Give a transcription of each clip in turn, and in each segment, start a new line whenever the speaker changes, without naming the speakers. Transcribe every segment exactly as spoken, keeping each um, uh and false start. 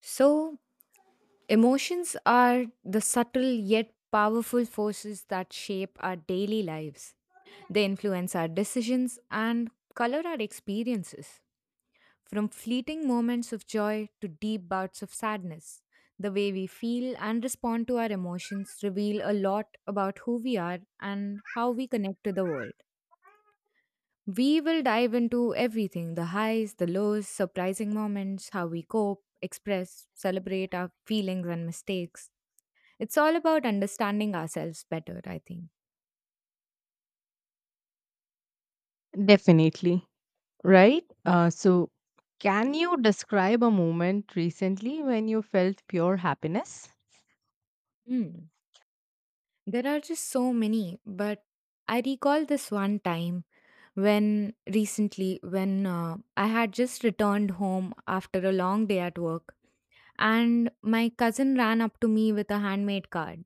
So, emotions are the subtle yet powerful forces that shape our daily lives. They influence our decisions and color our experiences. From fleeting moments of joy to deep bouts of sadness, the way we feel and respond to our emotions reveal a lot about who we are and how we connect to the world. We will dive into everything the highs, the lows, surprising moments, how we cope, express, celebrate our feelings and mistakes. It's all about understanding ourselves better, I think.
Definitely. Right? Uh, so, can you describe a moment recently when you felt pure happiness?
Hmm. There are just so many, but I recall this one time when recently, when uh, I had just returned home after a long day at work, and my cousin ran up to me with a handmade card.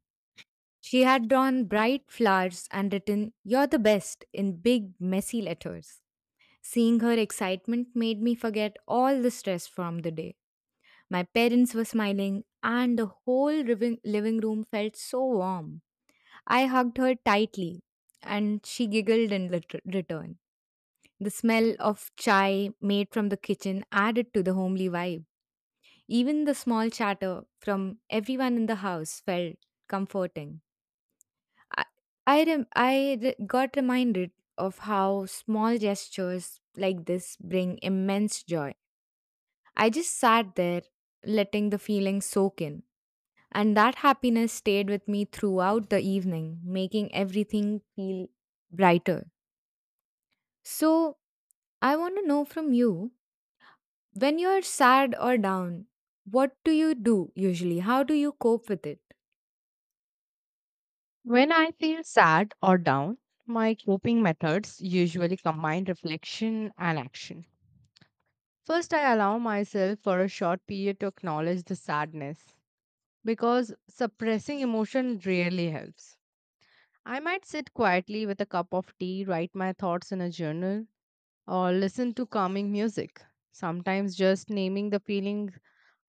She had drawn bright flowers and written, "You're the best," in big, messy letters. Seeing her excitement made me forget all the stress from the day. My parents were smiling, and the whole living, living room felt so warm. I hugged her tightly, and she giggled in lit- return. The smell of chai made from the kitchen added to the homely vibe. Even the small chatter from everyone in the house felt comforting. I, I, rem- I re- got reminded of how small gestures like this bring immense joy. I just sat there, letting the feeling soak in. And that happiness stayed with me throughout the evening, making everything feel brighter. So, I want to know from you, when you're sad or down, what do you do usually? How do you cope with it?
When I feel sad or down, my coping methods usually combine reflection and action. First, I allow myself for a short period to acknowledge the sadness because suppressing emotion really helps. I might sit quietly with a cup of tea, write my thoughts in a journal, or listen to calming music. Sometimes just naming the feeling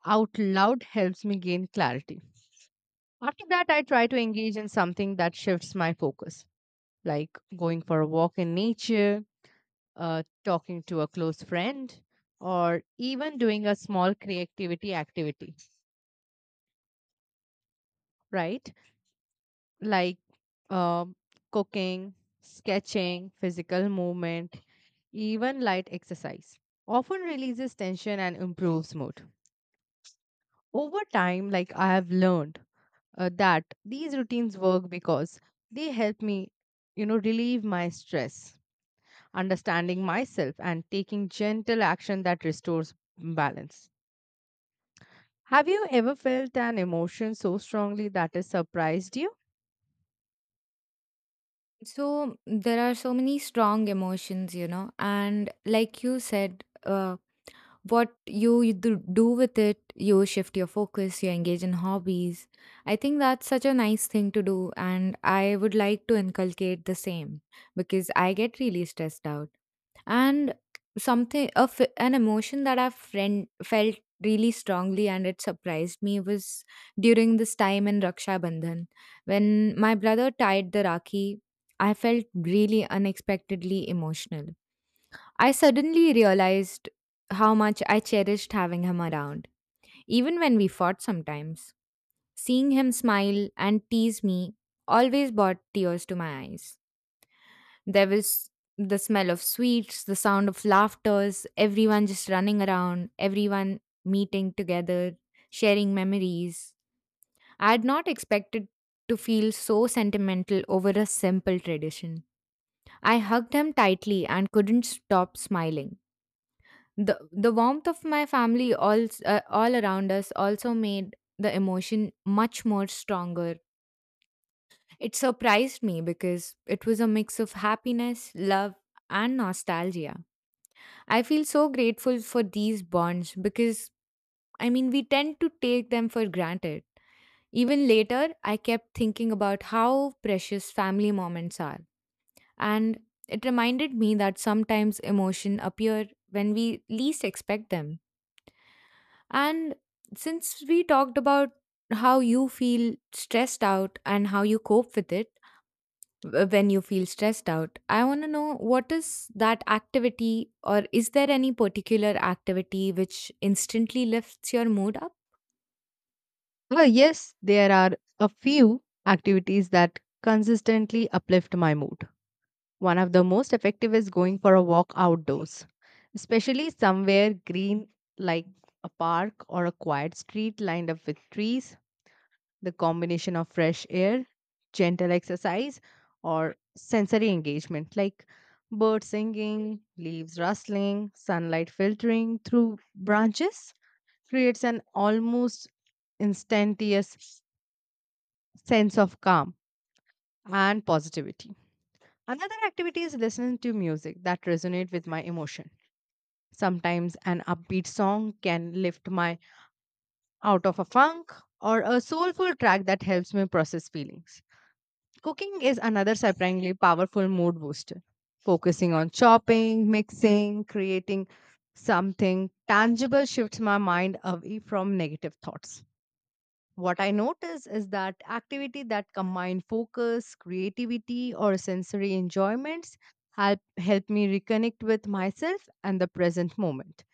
out loud helps me gain clarity. After that, I try to engage in something that shifts my focus, like going for a walk in nature, uh, talking to a close friend, or even doing a small creativity activity, right? Like um cooking, sketching, physical movement, even light exercise. Often releases tension and improves mood. Over time, like I have learned uh, that these routines work because they help me, you know, relieve my stress, understanding myself, and taking gentle action that restores balance. Have you ever felt an emotion so strongly that it surprised you?
So, there are so many strong emotions, you know, and like you said, uh, what you you do do with it, you shift your focus, you engage in hobbies. I think that's such a nice thing to do, and I would like to inculcate the same because I get really stressed out. And something of an emotion that i've friend, felt really strongly and it surprised me was during this time in Raksha Bandhan when my brother tied the rakhi. I felt really unexpectedly emotional. I suddenly realized how much I cherished having him around, even when we fought sometimes. Seeing him smile and tease me always brought tears to my eyes. There was the smell of sweets, the sound of laughters, everyone just running around, everyone meeting together, sharing memories. I had not expected to feel so sentimental over a simple tradition. I hugged him tightly and couldn't stop smiling. the the warmth of my family all uh, all around us also made the emotion much more stronger. It surprised me because it was a mix of happiness, love, and nostalgia. I feel so grateful for these bonds because I mean we tend to take them for granted. Even later, I kept thinking about how precious family moments are, and it reminded me that sometimes emotion appear when we least expect them. And since we talked about how you feel stressed out and how you cope with it, w- when you feel stressed out, I want to know, what is that activity, or is there any particular activity which instantly lifts your mood up?
Oh, yes, there are a few activities that consistently uplift my mood. One of the most effective is going for a walk outdoors, especially somewhere green like a park or a quiet street lined up with trees. The combination of fresh air, gentle exercise, or sensory engagement like birds singing, leaves rustling, sunlight filtering through branches creates an almost instantaneous sense of calm and positivity. Another activity is listening to music that resonates with my emotion. Sometimes an upbeat song can lift my out of a funk or a soulful track that helps me process feelings. Cooking is another surprisingly powerful mood booster. Focusing on chopping, mixing, creating something tangible shifts my mind away from negative thoughts. What I notice is that activity that combine focus, creativity, or sensory enjoyments help, help me reconnect with myself and the present moment,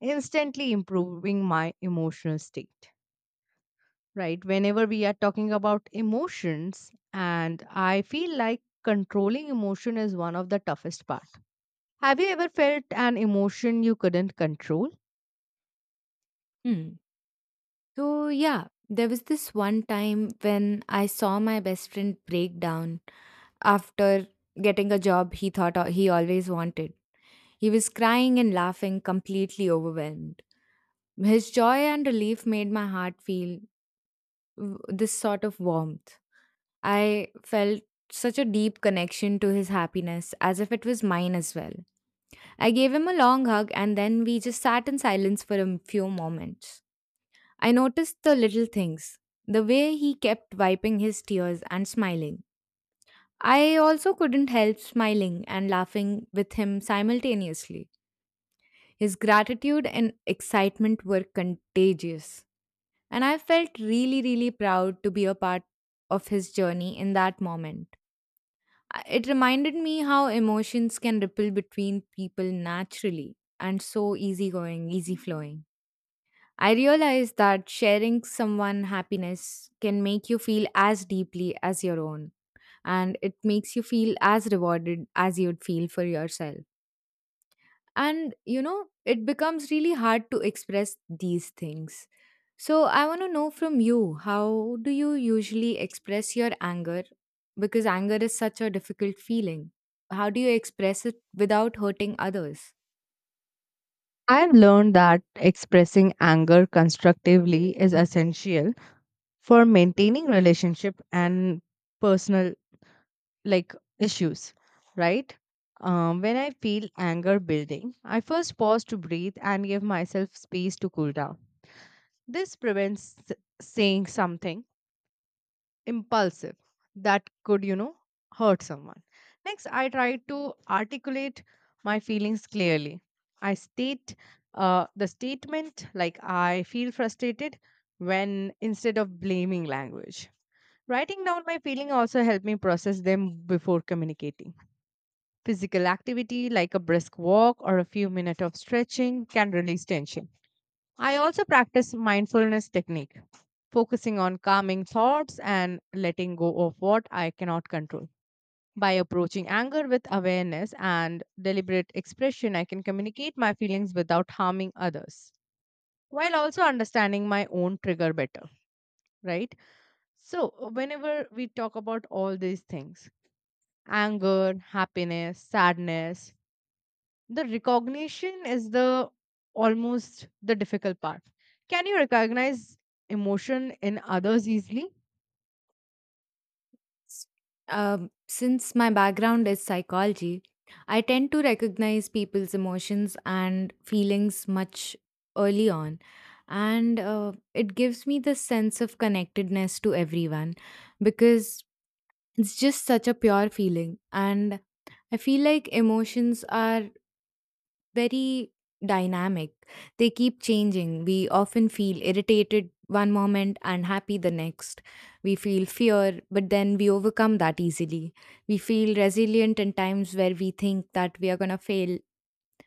instantly improving my emotional state, right? Whenever we are talking about emotions, and I feel like controlling emotion is one of the toughest part, have you ever felt an emotion you couldn't control?
Hmm. So, yeah, there was this one time when I saw my best friend break down after getting a job he thought o- he always wanted. He was crying and laughing, completely overwhelmed. His joy and relief made my heart feel w- this sort of warmth. I felt such a deep connection to his happiness as if it was mine as well. I gave him a long hug, and then we just sat in silence for a few moments. I noticed the little things, the way he kept wiping his tears and smiling. I also couldn't help smiling and laughing with him simultaneously. His gratitude and excitement were contagious. And I felt really, really proud to be a part of his journey in that moment. I- It reminded me how emotions can ripple between people naturally and so easygoing, easy flowing. I realized that sharing someone happiness can make you feel as deeply as your own, and it makes you feel as rewarded as you'd feel for yourself. And you know it becomes really hard to express these things. So I want to know from you, how do you usually express your anger? Because anger is such a difficult feeling. How do you express it without hurting others?
I've learned that expressing anger constructively is essential for maintaining relationship and personal like issues, right? Um, when I feel anger building, I first pause to breathe and give myself space to cool down. This prevents s- saying something impulsive that could, you know, hurt someone. Next, I try to articulate my feelings clearly. I state uh, the statement like I feel frustrated when, instead of blaming language. Writing down my feeling also helped me process them before communicating. Physical activity like a brisk walk or a few minutes of stretching can release tension. I also practice mindfulness technique, focusing on calming thoughts and letting go of what I cannot control. By approaching anger with awareness and deliberate expression, I can communicate my feelings without harming others, while also understanding my own trigger better, right? So, whenever we talk about all these things, anger, happiness, sadness, the recognition is the almost the difficult part. Can you recognize emotion in others easily?
Um, since my background is psychology, I tend to recognize people's emotions and feelings much early on, and uh, it gives me the sense of connectedness to everyone because it's just such a pure feeling. And I feel like emotions are very dynamic, they keep changing. We often feel irritated one moment and happy the next. We feel fear, but then we overcome that easily. We feel resilient in times where we think that we are going to fail,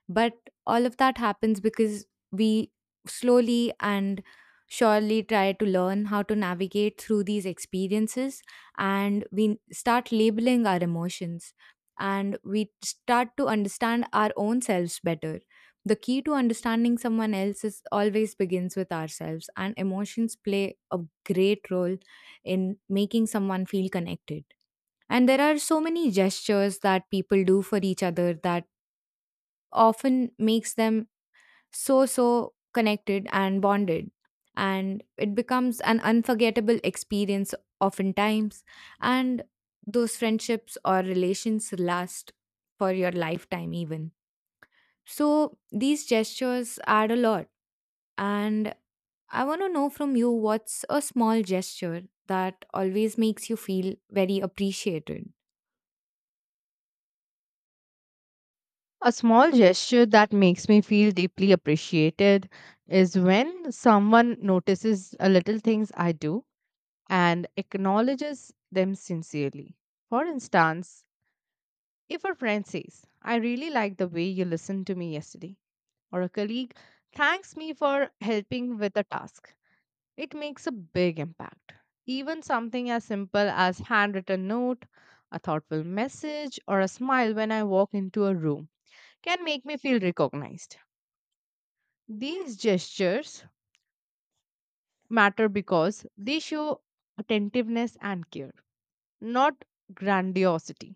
but all of that happens because we slowly and surely try to learn how to navigate through these experiences. And we start labeling our emotions, and we start to understand our own selves better. The key to understanding someone else is always begins with ourselves, and emotions play a great role in making someone feel connected. And there are so many gestures that people do for each other that often makes them so, so connected and bonded. And it becomes an unforgettable experience oftentimes. And those friendships or relations last for your lifetime, even. So these gestures add a lot. And I want to know from you, what's a small gesture that always makes you feel very appreciated.
A small gesture that makes me feel deeply appreciated is when someone notices a little things I do and acknowledges them sincerely. For instance, if a friend says, "I really like the way you listened to me yesterday," or a colleague thanks me for helping with a task, it makes a big impact. Even something as simple as handwritten note, a thoughtful message, or a smile when I walk into a room can make me feel recognized. These gestures matter because they show attentiveness and care, not grandiosity.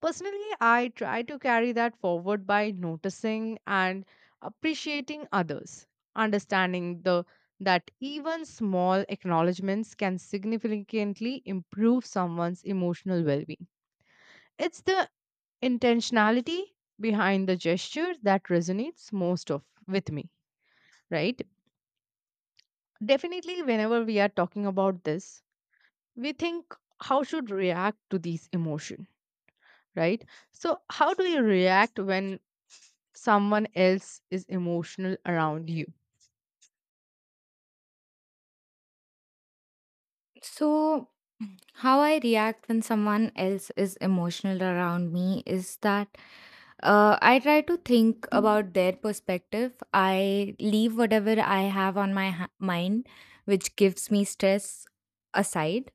Personally, I try to carry that forward by noticing and appreciating others, understanding the that even small acknowledgments can significantly improve someone's emotional well-being. It's the intentionality behind the gesture that resonates most of with me, right? Definitely, whenever we are talking about this, we think how should react to these emotion, right? So how do you react when someone else is emotional around you?
So, how I react when someone else is emotional around me is that uh, I try to think about their perspective. I leave whatever I have on my ha- mind, which gives me stress, aside,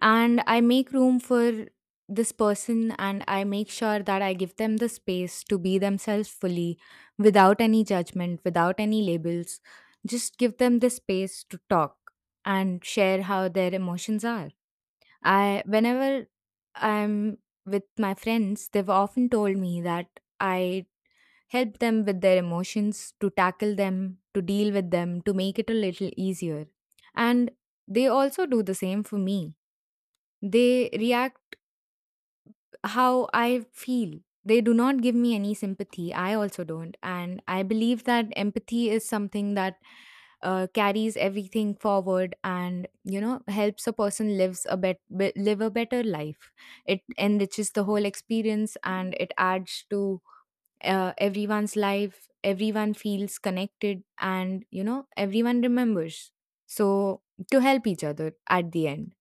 and I make room for this person, and I make sure that I give them the space to be themselves fully without any judgment, without any labels. Just give them the space to talk and share how their emotions are. I whenever I'm with my friends, they've often told me that I help them with their emotions, to tackle them, to deal with them, to make it a little easier. And they also do the same for me. They react how I feel. They do not give me any sympathy. I also don't. And I believe that empathy is something that uh, carries everything forward, and you know helps a person lives a bet- be- live a better life. It enriches the whole experience, and it adds to uh, everyone's life. Everyone feels connected, and you know everyone remembers, so to help each other at the end.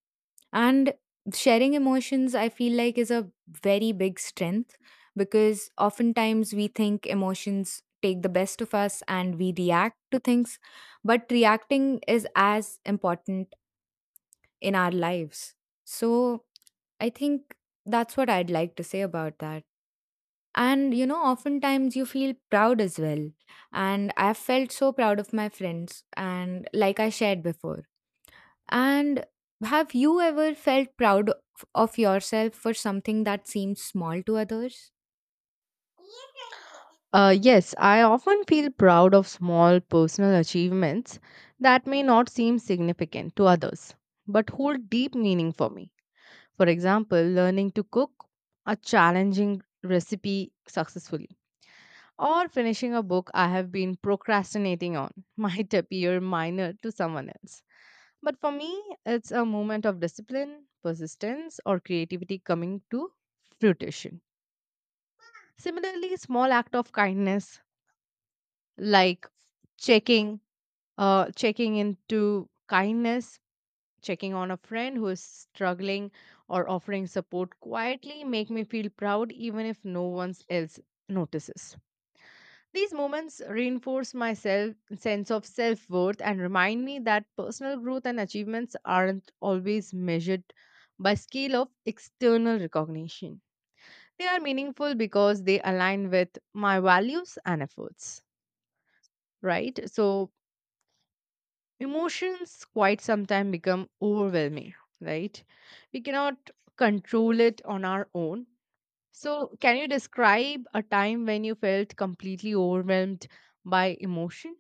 And sharing emotions, I feel like, is a very big strength because oftentimes we think emotions take the best of us and we react to things, but reacting is as important in our lives. So I think that's what I'd like to say about that. And you know, oftentimes you feel proud as well. And I've felt so proud of my friends, and like I shared before. And have you ever felt proud of of yourself for something that seems small to others?
Uh, yes, I often feel proud of small personal achievements that may not seem significant to others, but hold deep meaning for me. For example, learning to cook a challenging recipe successfully or finishing a book I have been procrastinating on might appear minor to someone else. But for me, it's a moment of discipline, persistence, or creativity coming to fruition. Similarly, small act of kindness like checking, uh, checking into kindness checking on a friend who is struggling or offering support quietly make me feel proud even if no one else notices. These moments reinforce my self, sense of self worth and remind me that personal growth and achievements aren't always measured by scale of external recognition. They are meaningful because they align with my values and efforts, right? So, emotions quite sometimes become overwhelming, right? We cannot control it on our own. So, can you describe a time when you felt completely overwhelmed by emotion?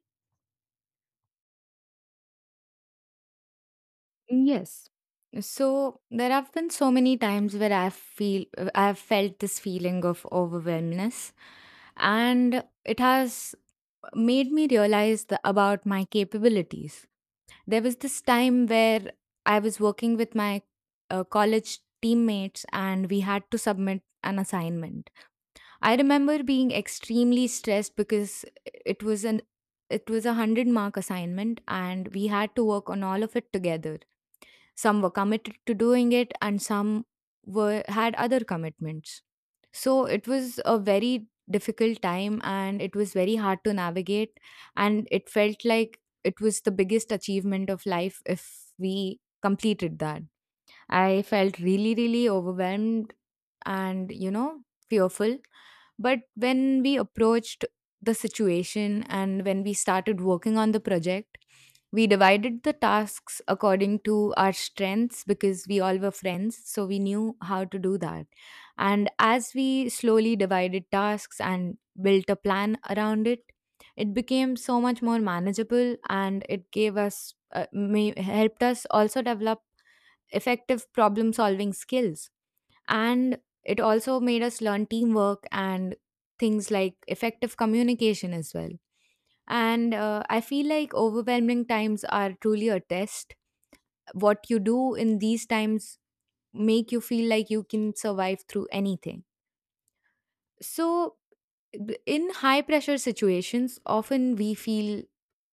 Yes. So there have been so many times where I feel I've felt this feeling of overwhelmness, and it has made me realize the, about my capabilities. There was this time where I was working with my uh, college teammates, and we had to submit an assignment. I remember being extremely stressed because it was an it was a one hundred mark assignment, and we had to work on all of it together. Some were committed to doing it, and some were had other commitments. So it was a very difficult time, and it was very hard to navigate, and it felt like it was the biggest achievement of life if we completed that. I felt really, really overwhelmed and you know fearful. But when we approached the situation and when we started working on the project, we divided the tasks according to our strengths because we all were friends, so we knew how to do that. And as we slowly divided tasks and built a plan around it, it became so much more manageable, and it gave us uh, may, helped us also develop effective problem solving skills. And it also made us learn teamwork and things like effective communication as well. And uh, I feel like overwhelming times are truly a test. What you do in these times make you feel like you can survive through anything. So, b- in high pressure situations, often we feel,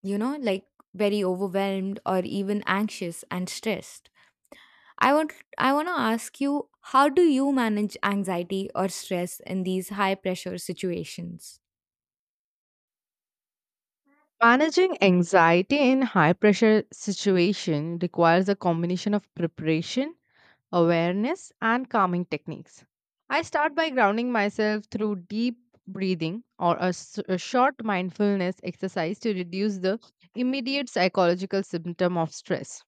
you know, like very overwhelmed or even anxious and stressed. I want I want to ask you, how do you manage anxiety or stress in these high pressure situations?
Managing anxiety in high pressure situation requires a combination of preparation, awareness, and calming techniques. I start by grounding myself through deep breathing or a, s- a short mindfulness exercise to reduce the immediate psychological symptom of stress.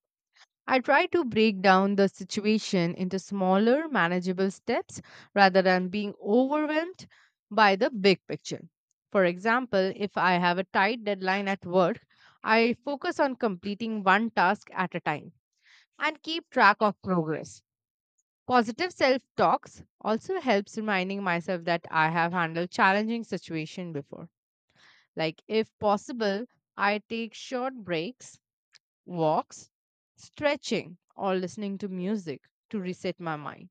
I try to break down the situation into smaller, manageable steps rather than being overwhelmed by the big picture. For example, if I have a tight deadline at work, I focus on completing one task at a time and keep track of progress. Positive self talks also helps reminding myself that I have handled challenging situations before. Like, if possible, I take short breaks, walks, stretching, or listening to music to reset my mind.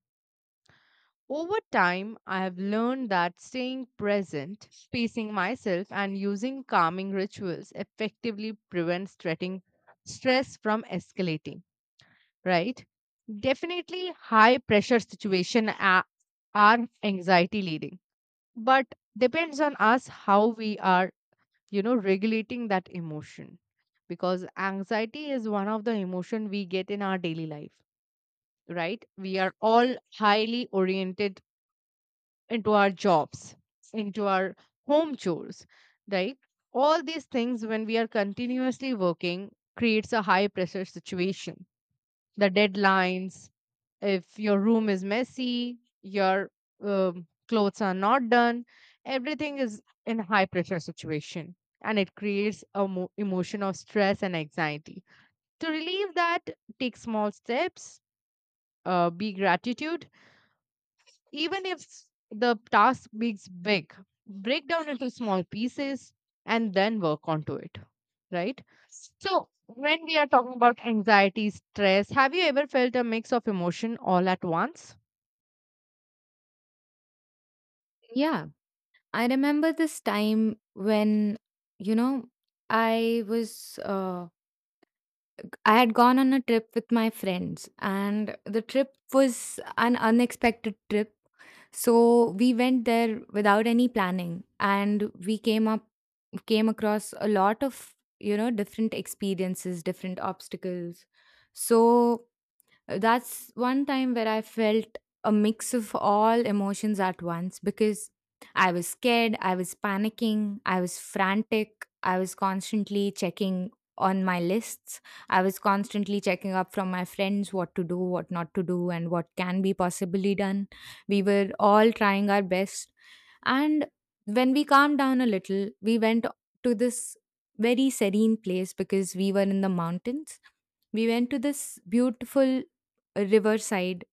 Over time, I have learned that staying present, pacing myself, and using calming rituals effectively prevents threatening stress from escalating, right? Definitely, high pressure situation a- are anxiety leading, but depends on us how we are, you know, regulating that emotion, because anxiety is one of the emotion we get in our daily life, right? We are all highly oriented into our jobs, into our home chores, right? All these things when we are continuously working creates a high pressure situation. The deadlines, if your room is messy, your um, clothes are not done, everything is in high pressure situation and it creates a mo- emotion of stress and anxiety. To relieve that, take small steps, uh, be gratitude, even if the task is big, break down into small pieces and then work onto it, right? So, when we are talking about anxiety, stress, have you ever felt a mix of emotion all at once?
Yeah, I remember this time when you know I was uh, I had gone on a trip with my friends, and the trip was an unexpected trip. So we went there without any planning and we came up came across a lot of you know different experiences, different obstacles. So That's one time where I felt a mix of all emotions at once because I was scared, I was panicking, I was frantic, I was constantly checking on my lists. I was constantly checking up from my friends what to do, what not to do, and what can be possibly done. We were all trying our best. And when we calmed down a little, we went to this very serene place because we were in the mountains. We went to this beautiful a riverside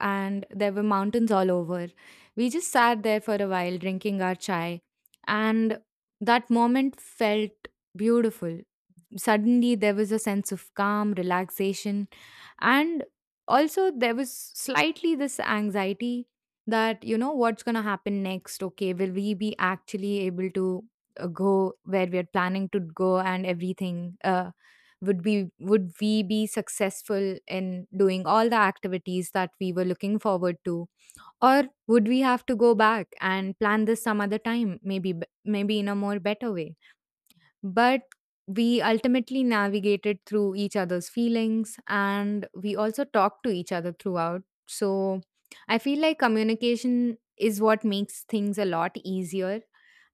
and there were mountains all over. We just sat there for a while drinking our chai, and that moment felt beautiful. Suddenly, there was a sense of calm, relaxation, and also there was slightly this anxiety that, you know what's going to happen next? Okay, will we be actually able to uh, go where we are planning to go, and everything, uh, would be would we be successful in doing all the activities that we were looking forward to, or would we have to go back and plan this some other time, maybe b- maybe in a more better way? But we ultimately navigated through each other's feelings and we also talked to each other throughout. So I feel like communication is what makes things a lot easier.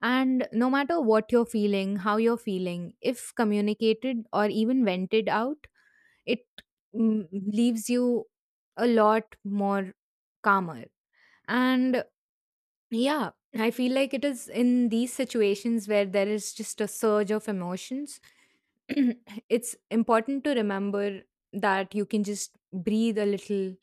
And no matter what you're feeling, how you're feeling, if communicated or even vented out, it mm, leaves you a lot more calmer. And yeah, I feel like it is in these situations where there is just a surge of emotions it's important to remember that you can just breathe a little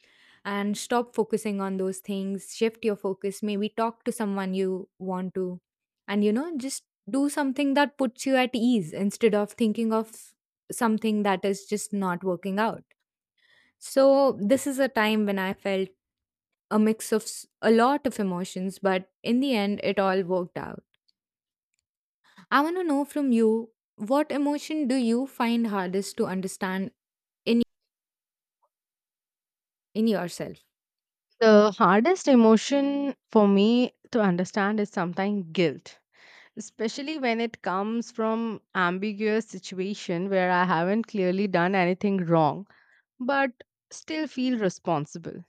and stop focusing on those things, shift your focus, maybe talk to someone you want to, and you know just do something that puts you at ease instead of thinking of something that is just not working out. So this is a time when I felt a mix of s- a lot of emotions, but in the end it all worked out. I want to know from you, what emotion do you find hardest to understand in in yourself?
The hardest emotion for me to understand is sometimes guilt, especially when it comes from ambiguous situation where I haven't clearly done anything wrong, but still feel responsible.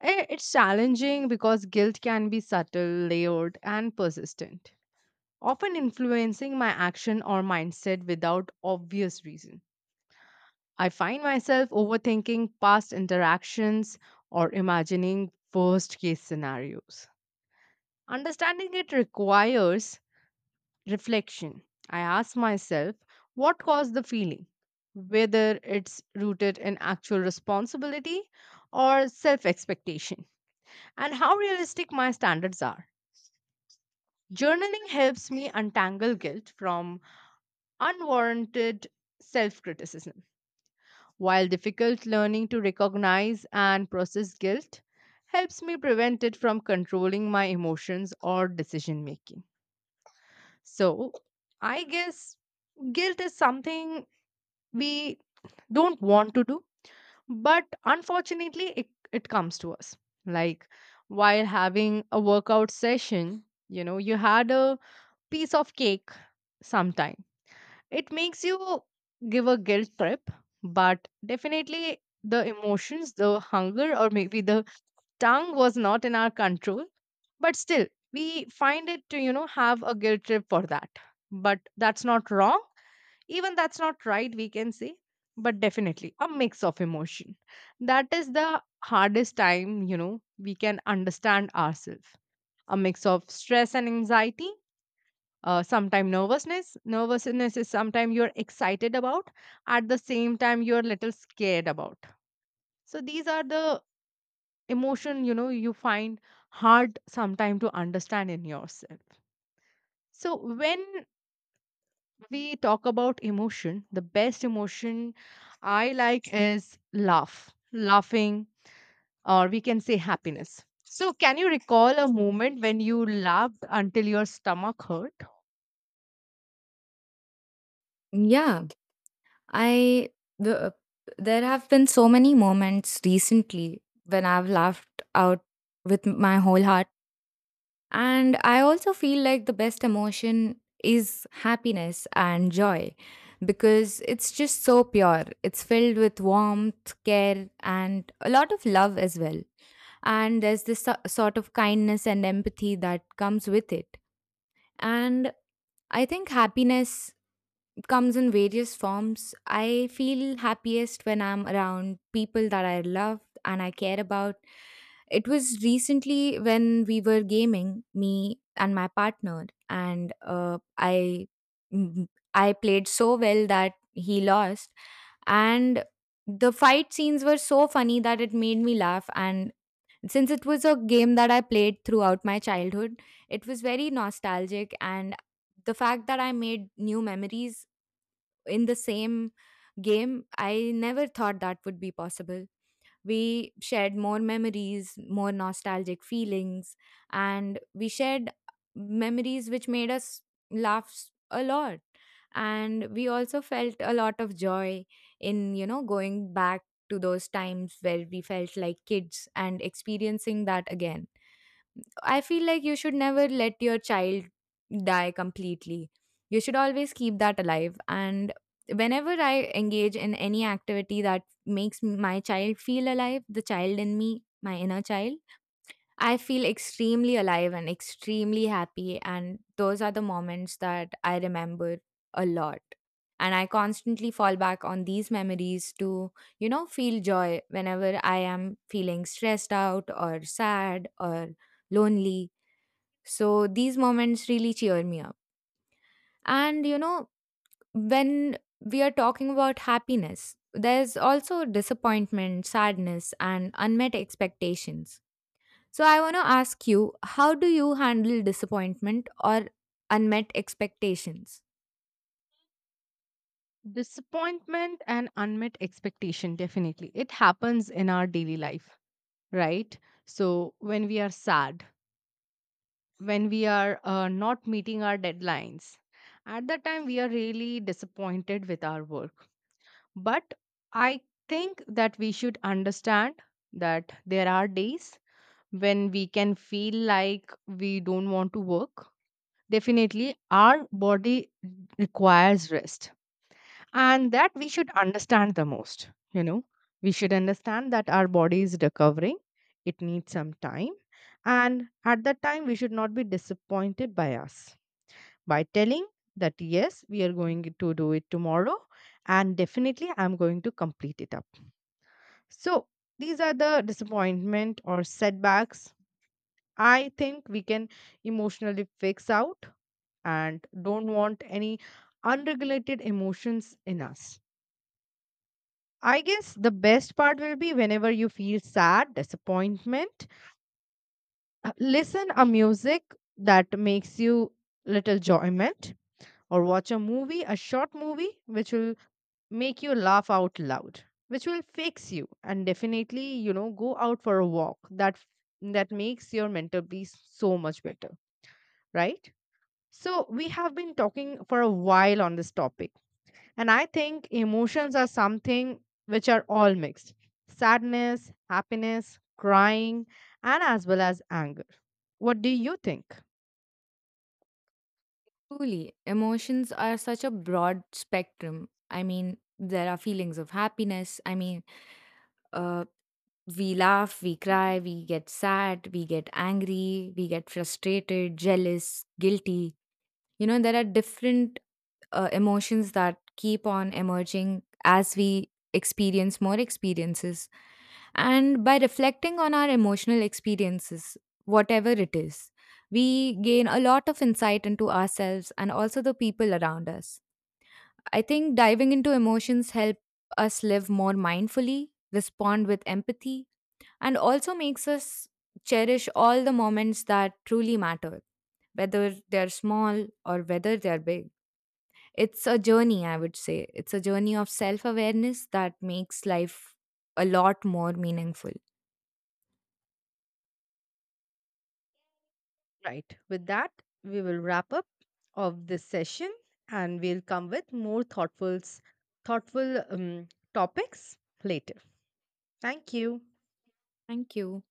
Eh, It's challenging because guilt can be subtle, layered, and persistent, often influencing my action or mindset without obvious reason. I find myself overthinking past interactions or imagining worst case scenarios. Understanding it requires reflection. I ask myself what caused the feeling, whether it's rooted in actual responsibility or self expectation, and how realistic my standards are. Journaling helps me untangle guilt from unwarranted self criticism, while difficult learning to recognize and process guilt helps me prevent it from controlling my emotions or decision making. So, I guess guilt is something we don't want to do, but unfortunately, it, it comes to us. Like while having a workout session, you know, you had a piece of cake sometime. It makes you give a guilt trip, but definitely the emotions, the hunger, or maybe the tongue was not in our control, but still we find it to, you know, have a guilt trip for that. But that's not wrong, even that's not right we can say, but definitely a mix of emotion, that is the hardest time, you know, we can understand ourselves, a mix of stress and anxiety, uh, sometimes nervousness. Nervousness is sometimes you're excited about at the same time you're a little scared about. So these are the emotion, you know, you find hard sometimes to understand in yourself. So when we talk about emotion, the best emotion I like is laugh, laughing, or we can say happiness. So, can you recall a moment when you laughed until your stomach hurt?
Yeah, I the uh, there have been so many moments recently when I've laughed out with my whole heart, and I also feel like the best emotion is happiness and joy because it's just so pure. It's filled with warmth, care, and a lot of love as well. And there's this so- sort of kindness and empathy that comes with it. And I think happiness comes in various forms. I feel happiest when I'm around people that I love and I care about. It was recently when we were gaming, me and my partner, and uh, I mm, I played so well that he lost, and the fight scenes were so funny that it made me laugh. And since it was a game that I played throughout my childhood, it was very nostalgic, and the fact that I made new memories in the same game, I never thought that would be possible. We shared more memories, more nostalgic feelings, and we shared memories which made us laugh s- a lot. And we also felt a lot of joy in, you know, going back to those times where we felt like kids and experiencing that again. I feel like you should never let your child die completely. You should always keep that alive. And whenever I engage in any activity that makes my child feel alive, the child in me, my inner child, I feel extremely alive and extremely happy. And those are the moments that I remember a lot. And I constantly fall back on these memories to, you know, feel joy whenever I am feeling stressed out or sad or lonely. So these moments really cheer me up. And you know, when we are talking about happiness, there's also disappointment, sadness, and unmet expectations. So I want to ask you, how do you handle disappointment or unmet expectations?
Disappointment and unmet expectation, definitely. It happens in our daily life, right? So, when we are sad, when we are uh, not meeting our deadlines. At that time, we are really disappointed with our work. But I think that we should understand that there are days when we can feel like we don't want to work. Definitely, our body requires rest, and that we should understand the most. You know, we should understand that our body is recovering, it needs some time, and at that time, we should not be disappointed by us by telling that yes, we are going to do it tomorrow and definitely I'm going to complete it up. So these are the disappointment or setbacks I think we can emotionally fix out and don't want any unregulated emotions in us. I guess the best part will be whenever you feel sad, disappointment, uh, listen a music that makes you little joyment, or watch a movie, a short movie which will make you laugh out loud, which will fix you, and definitely, you know, go out for a walk, that that makes your mental peace so much better, right? So we have been talking for a while on this topic, and I think emotions are something which are all mixed, sadness, happiness, crying, and as well as anger. What do you think?
Truly, emotions are such a broad spectrum. I mean, there are feelings of happiness. I mean, uh, we laugh, we cry, we get sad, we get angry, we get frustrated, jealous, guilty. You know, there are different uh, emotions that keep on emerging as we experience more experiences. And by reflecting on our emotional experiences, whatever it is, we gain a lot of insight into ourselves and also the people around us. I think diving into emotions help us live more mindfully, respond with empathy, and also makes us cherish all the moments that truly matter, whether they're small or whether they're big. It's a journey, I would say. It's a journey of self awareness that makes life a lot more meaningful.
Right. With that, we will wrap up of this session and we'll come with more thoughtful s- thoughtful um, topics later. Thank you.
Thank you.